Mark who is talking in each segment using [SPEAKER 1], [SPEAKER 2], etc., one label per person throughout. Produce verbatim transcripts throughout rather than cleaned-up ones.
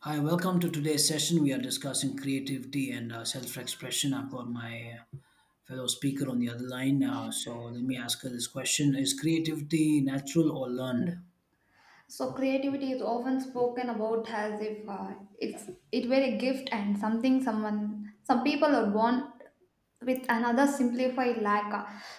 [SPEAKER 1] Hi, welcome to today's session. We are discussing creativity and uh, self expression. I've got my uh, fellow speaker on the other line. Uh, so let me ask her this question. Is creativity natural or learned?
[SPEAKER 2] So creativity is often spoken about as if uh, it's it were a gift and something someone some people are born with another simplified lack.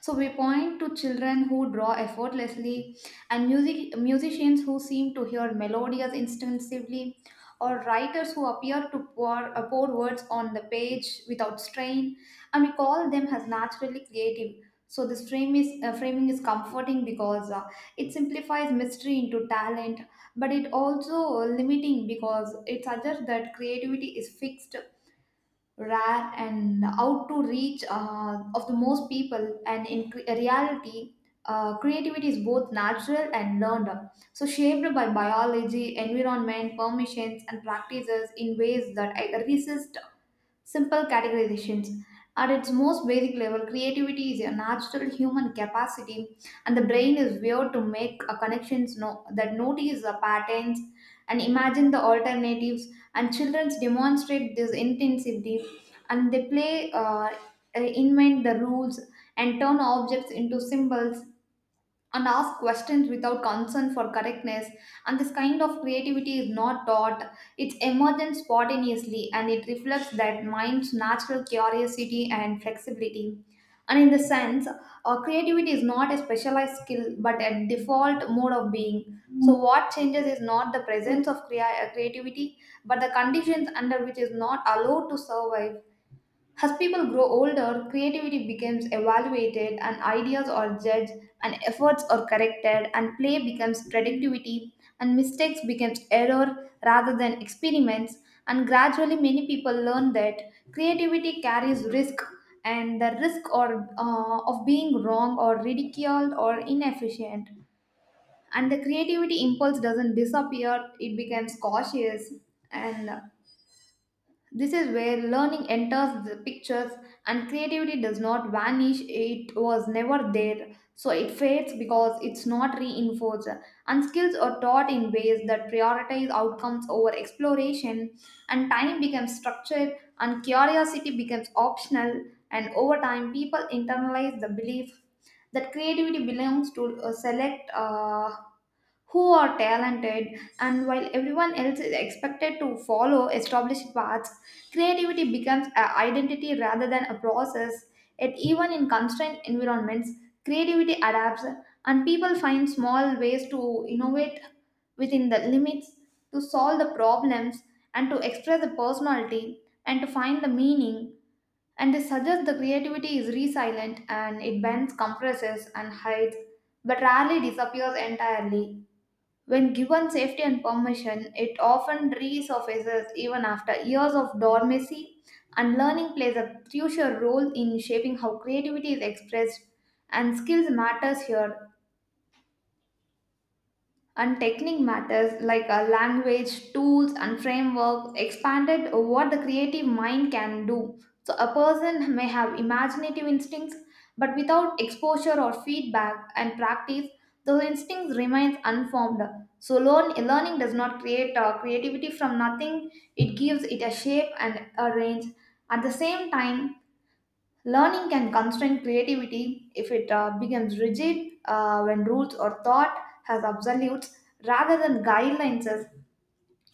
[SPEAKER 2] So we point to children who draw effortlessly and music musicians who seem to hear melodies instinctively or writers who appear to pour, uh, pour words on the page without strain and we call them as naturally creative. So this frame is uh, framing is comforting because uh, it simplifies mystery into talent, but it also limiting because it suggests that creativity is fixed, rare, and out to reach uh, of the most people. And in cre- reality, uh, creativity is both natural and learned, so shaped by biology, environment, permissions, and practices in ways that I resist simple categorizations. At its most basic level, creativity is a natural human capacity, and the brain is wired to make a connections no, that notice the patterns and imagine the alternatives. And children demonstrate this intensively, and they play, uh, uh, invent the rules, and turn objects into symbols and ask questions without concern for correctness and this kind of creativity is not taught, it's emergent spontaneously and it reflects that mind's natural curiosity and flexibility and in the sense uh, creativity is not a specialized skill but a default mode of being. So what changes is not the presence of crea- creativity but the conditions under which is not allowed to survive. As people grow older, creativity becomes evaluated and ideas are judged and efforts are corrected and play becomes productivity and mistakes becomes error rather than experiments and gradually many people learn that creativity carries risk, and the risk or uh, of being wrong or ridiculed or inefficient, and the creativity impulse doesn't disappear, it becomes cautious. And this is where learning enters the pictures and creativity does not vanish. It was never there, so it fades because it's not reinforced. And skills are taught in ways that prioritize outcomes over exploration, and time becomes structured, and curiosity becomes optional. And over time, people internalize the belief that creativity belongs to a select uh, who are talented, and while everyone else is expected to follow established paths, creativity becomes an identity rather than a process. Yet, even in constrained environments, creativity adapts, and people find small ways to innovate within the limits, to solve the problems, and to express the personality, and to find the meaning. And they suggest the creativity is resilient and it bends, compresses, and hides, but rarely disappears entirely. When given safety and permission, it often resurfaces even after years of dormancy, and learning plays a crucial role in shaping how creativity is expressed, and skills matters here and technique matters like a language tools and framework expanded what the creative mind can do. So a person may have imaginative instincts but without exposure or feedback and practice those instincts remains unformed. So learn, learning does not create uh, creativity from nothing, it gives it a shape and a range. At the same time, learning can constrain creativity if it uh, becomes rigid uh, when rules or thought has absolutes rather than guidelines,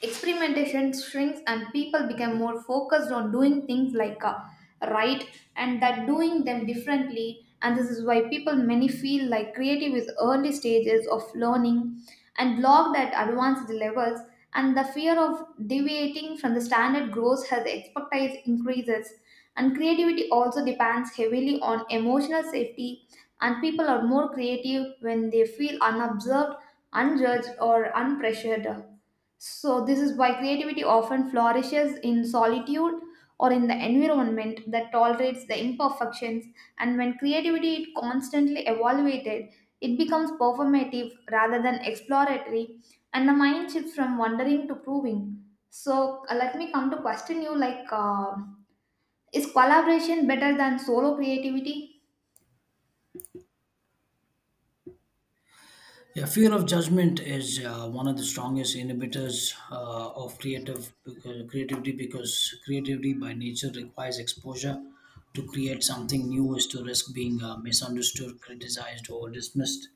[SPEAKER 2] experimentation shrinks and people become more focused on doing things like uh, right, and that doing them differently. And this is why people many feel like creative is early stages of learning and logged at advanced levels, and the fear of deviating from the standard grows as the expertise increases. And creativity also depends heavily on emotional safety, and people are more creative when they feel unobserved, unjudged or unpressured. So this is why creativity often flourishes in solitude or in the environment that tolerates the imperfections. And when creativity is constantly evaluated, it becomes performative rather than exploratory, and the mind shifts from wondering to proving. So, uh, let me come to question you, like, uh, is collaboration better than solo creativity?
[SPEAKER 1] Yeah, fear of judgment is uh, one of the strongest inhibitors uh, of creative because, creativity because creativity by nature requires exposure. To create something new is to risk being uh, misunderstood, criticized, or dismissed.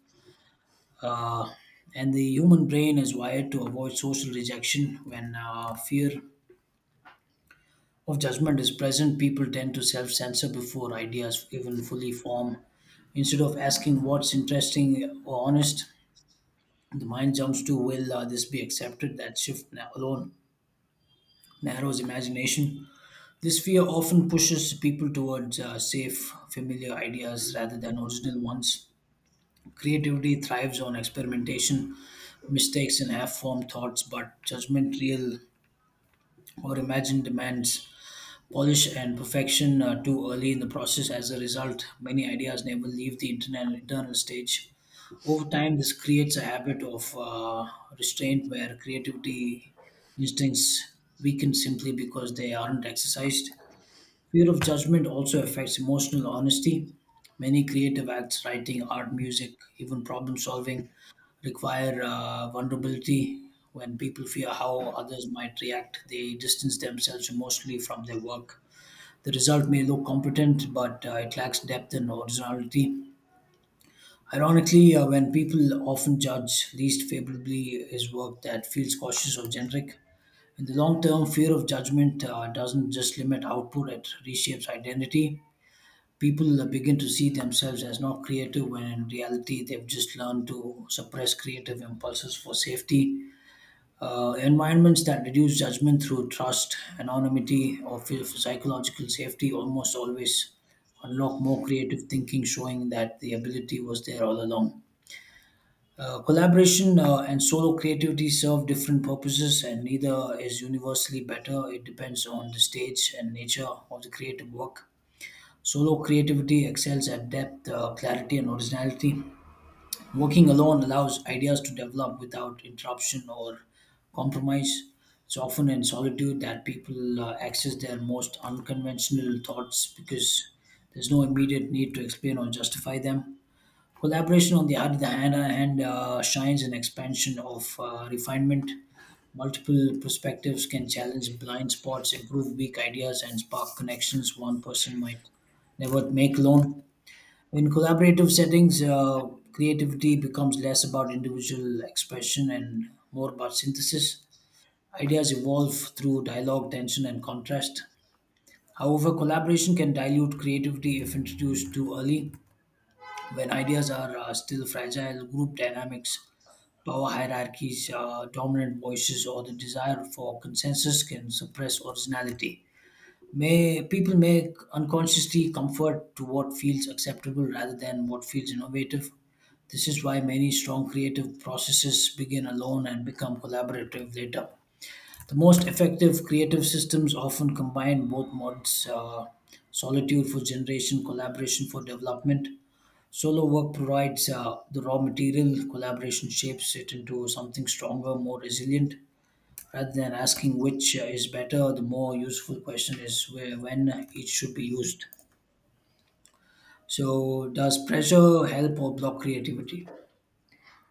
[SPEAKER 1] Uh, and the human brain is wired to avoid social rejection. When uh, fear of judgment is present, people tend to self censor before ideas even fully form. Instead of asking what's interesting or honest, the mind jumps to, will uh, this be accepted? That shift na- alone narrows imagination. This fear often pushes people towards uh, safe, familiar ideas rather than original ones. Creativity thrives on experimentation, mistakes in half-formed thoughts, but judgment, real or imagined, demands polish and perfection uh, too early in the process. As a result, many ideas never leave the internal internal stage. Over time, this creates a habit of uh, restraint where creativity instincts weaken simply because they aren't exercised. Fear of judgment also affects emotional honesty. Many creative acts, writing, art, music, even problem solving, require uh, vulnerability. When people fear how others might react, they distance themselves emotionally from their work. The result may look competent, but uh, it lacks depth and originality. Ironically, uh, when people often judge least favorably is work that feels cautious or generic. In the long term, fear of judgment uh, doesn't just limit output, it reshapes identity. People begin to see themselves as not creative when in reality they've just learned to suppress creative impulses for safety. Uh, environments that reduce judgment through trust, anonymity, or feel for psychological safety almost always unlock more creative thinking, showing that the ability was there all along. Uh, collaboration uh, and solo creativity serve different purposes, and neither is universally better. It depends on the stage and nature of the creative work. Solo creativity excels at depth, uh, clarity, and originality. Working alone allows ideas to develop without interruption or compromise. It's often in solitude that people uh, access their most unconventional thoughts because there's no immediate need to explain or justify them. Collaboration, on the other hand, hand uh, shines an expansion of uh, refinement. Multiple perspectives can challenge blind spots, improve weak ideas, and spark connections one person might never make alone. In collaborative settings, uh, creativity becomes less about individual expression and more about synthesis. Ideas evolve through dialogue, tension, and contrast. However, collaboration can dilute creativity if introduced too early when ideas are uh, still fragile. Group dynamics, power hierarchies, uh, dominant voices, or the desire for consensus can suppress originality. May people may unconsciously comfort to what feels acceptable rather than what feels innovative. This is why many strong creative processes begin alone and become collaborative later. The most effective creative systems often combine both modes, uh, solitude for generation, collaboration for development. Solo work provides uh, the raw material, collaboration shapes it into something stronger, more resilient. Rather than asking which uh, is better, the more useful question is where, when it should be used. So, does pressure help or block creativity?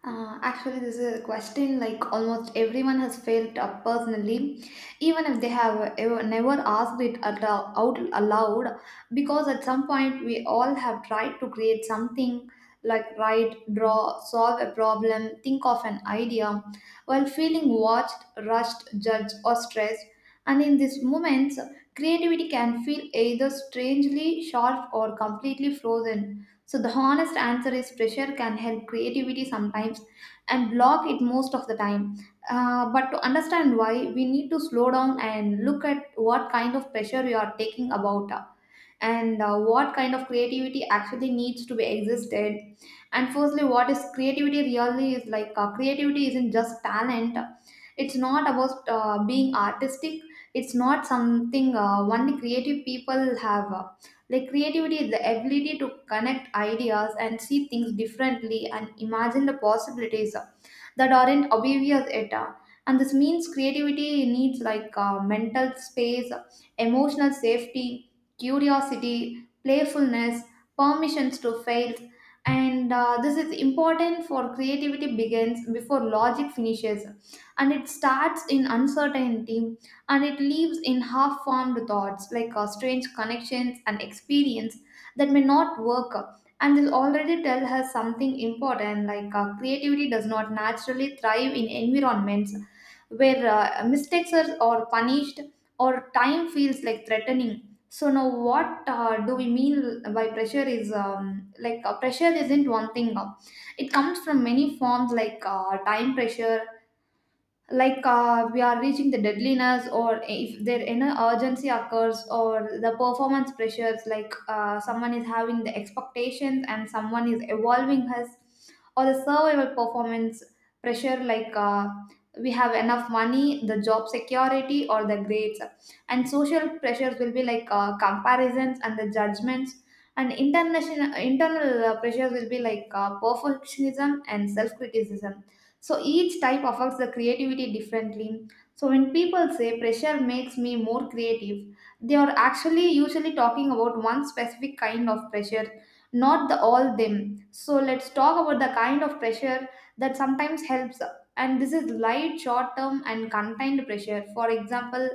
[SPEAKER 2] Uh, actually, this is a question like almost everyone has felt uh, personally, even if they have ever, never asked it at, all- out aloud, because at some point we all have tried to create something like write, draw, solve a problem, think of an idea, while feeling watched, rushed, judged, or stressed. And in these moments, creativity can feel either strangely sharp or completely frozen. So the honest answer is pressure can help creativity sometimes and block it most of the time. Uh, but to understand why, we need to slow down and look at what kind of pressure we are taking about. uh, and uh, what kind of creativity actually needs to be existed. And firstly, what is creativity really is, like, uh, creativity isn't just talent, it's not about uh, being artistic, it's not something uh, only creative people have. Uh, like, creativity is the ability to connect ideas and see things differently and imagine the possibilities uh, that aren't obvious at all. And this means creativity needs, like, uh, mental space, emotional safety, curiosity, playfulness, permissions to fail. And uh, this is important for creativity begins before logic finishes. And it starts in uncertainty and it leaves in half formed thoughts like uh, strange connections and experience that may not work. And this already tells us something important, like, uh, creativity does not naturally thrive in environments where uh, mistakes are, are punished or time feels like threatening. So now, what uh, do we mean by pressure? Is um, like, uh, pressure isn't one thing. Uh, it comes from many forms, like, uh, time pressure, like, uh, we are reaching the deadliness or if there any urgency occurs, or the performance pressures, like, uh, someone is having the expectations and someone is evolving his, or the survival performance pressure, like, uh, we have enough money, the job security or the grades, and social pressures will be like, uh, comparisons and the judgments, and international internal uh, pressures will be like, uh, perfectionism and self criticism. So each type affects the creativity differently. So when people say pressure makes me more creative, they are actually usually talking about one specific kind of pressure, not the all them. So let's talk about the kind of pressure that sometimes helps. And this is light, short term, and contained pressure. For example,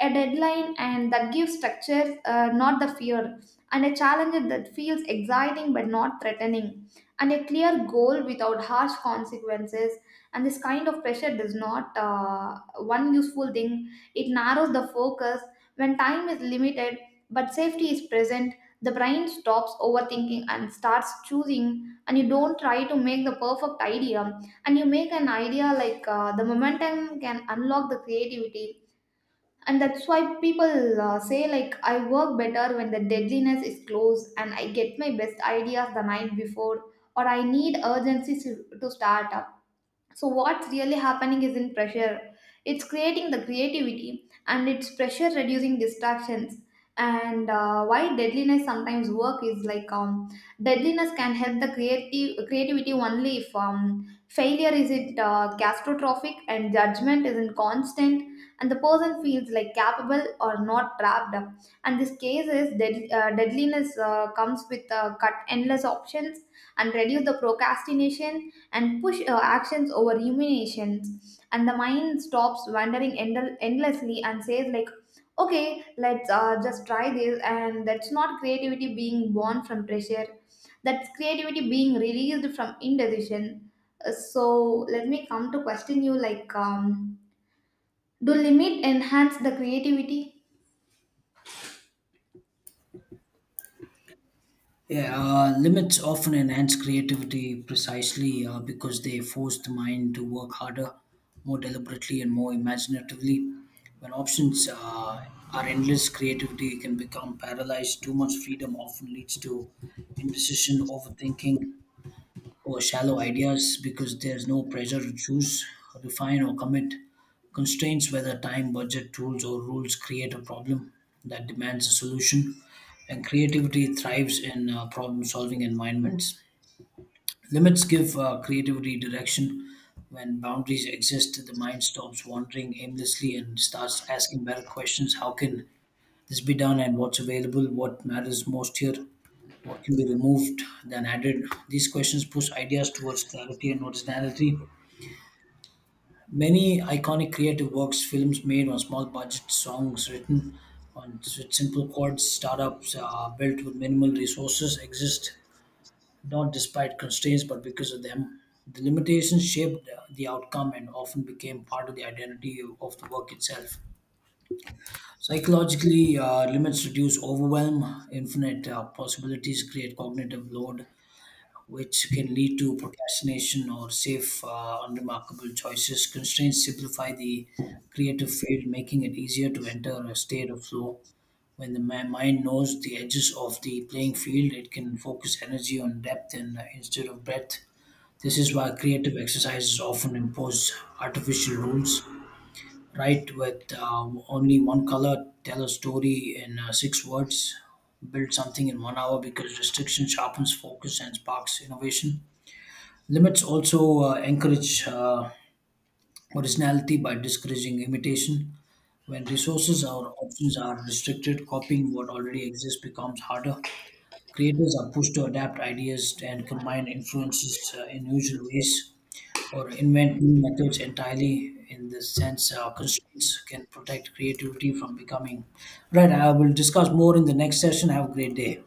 [SPEAKER 2] a deadline and that gives structure, uh, not the fear, and a challenge that feels exciting but not threatening, and a clear goal without harsh consequences. And this kind of pressure does not uh, one useful thing, it narrows the focus. When time is limited but safety is present, the brain stops overthinking and starts choosing, and you don't try to make the perfect idea and you make an idea, like, uh, the momentum can unlock the creativity. And that's why people uh, say, like, I work better when the deadliness is close and I get my best ideas the night before, or I need urgency to to start. So what's really happening is in pressure it's creating the creativity and it's pressure reducing distractions. And uh, why deadliness sometimes work is, like, um, deadliness can help the creative creativity only if um, failure is it uh, catastrophic and judgment isn't constant and the person feels like capable or not trapped. And this case is dead, uh, deadliness uh, comes with uh, cut endless options and reduce the procrastination and push our actions over ruminations, and the mind stops wandering end- endlessly and says, like, okay, let's uh, just try this. And that's not creativity being born from pressure, that's creativity being released from indecision. Uh, so let me come to question you, like, um, do limit enhance the creativity?
[SPEAKER 1] Yeah, uh, limits often enhance creativity precisely uh, because they force the mind to work harder, more deliberately, and more imaginatively. When options uh, are endless, creativity can become paralyzed. Too much freedom often leads to indecision, overthinking, or shallow ideas because there's no pressure to choose, refine, or commit. Constraints, whether time, budget, tools, or rules, create a problem that demands a solution, and creativity thrives in uh, problem solving environments. Limits give uh, creativity direction. When boundaries exist, the mind stops wandering aimlessly and starts asking better questions. How can this be done, and what's available? What matters most here? What can be removed than added? These questions push ideas towards clarity and originality. Many iconic creative works, films made on small budgets, songs written on s- simple chords, startups uh, built with minimal resources exist not despite constraints but because of them. The limitations shaped uh, the outcome and often became part of the identity of the work itself. Psychologically, uh, limits reduce overwhelm, infinite uh, possibilities create cognitive load, which can lead to procrastination or safe, uh, unremarkable choices. Constraints simplify the creative field, making it easier to enter a state of flow. When the mi- mind knows the edges of the playing field, it can focus energy on depth and uh, instead of breadth. This is why creative exercises often impose artificial rules. Write with uh, only one color, tell a story in uh, six words, build something in one hour, because restriction sharpens focus and sparks innovation. Limits also uh, encourage uh, originality by discouraging imitation. When resources or options are restricted, copying what already exists becomes harder. Creators are pushed to adapt ideas and combine influences uh, in usual ways or invent new methods entirely. In this sense, uh, constraints can protect creativity from becoming. Right, I will discuss more in the next session. Have a great day.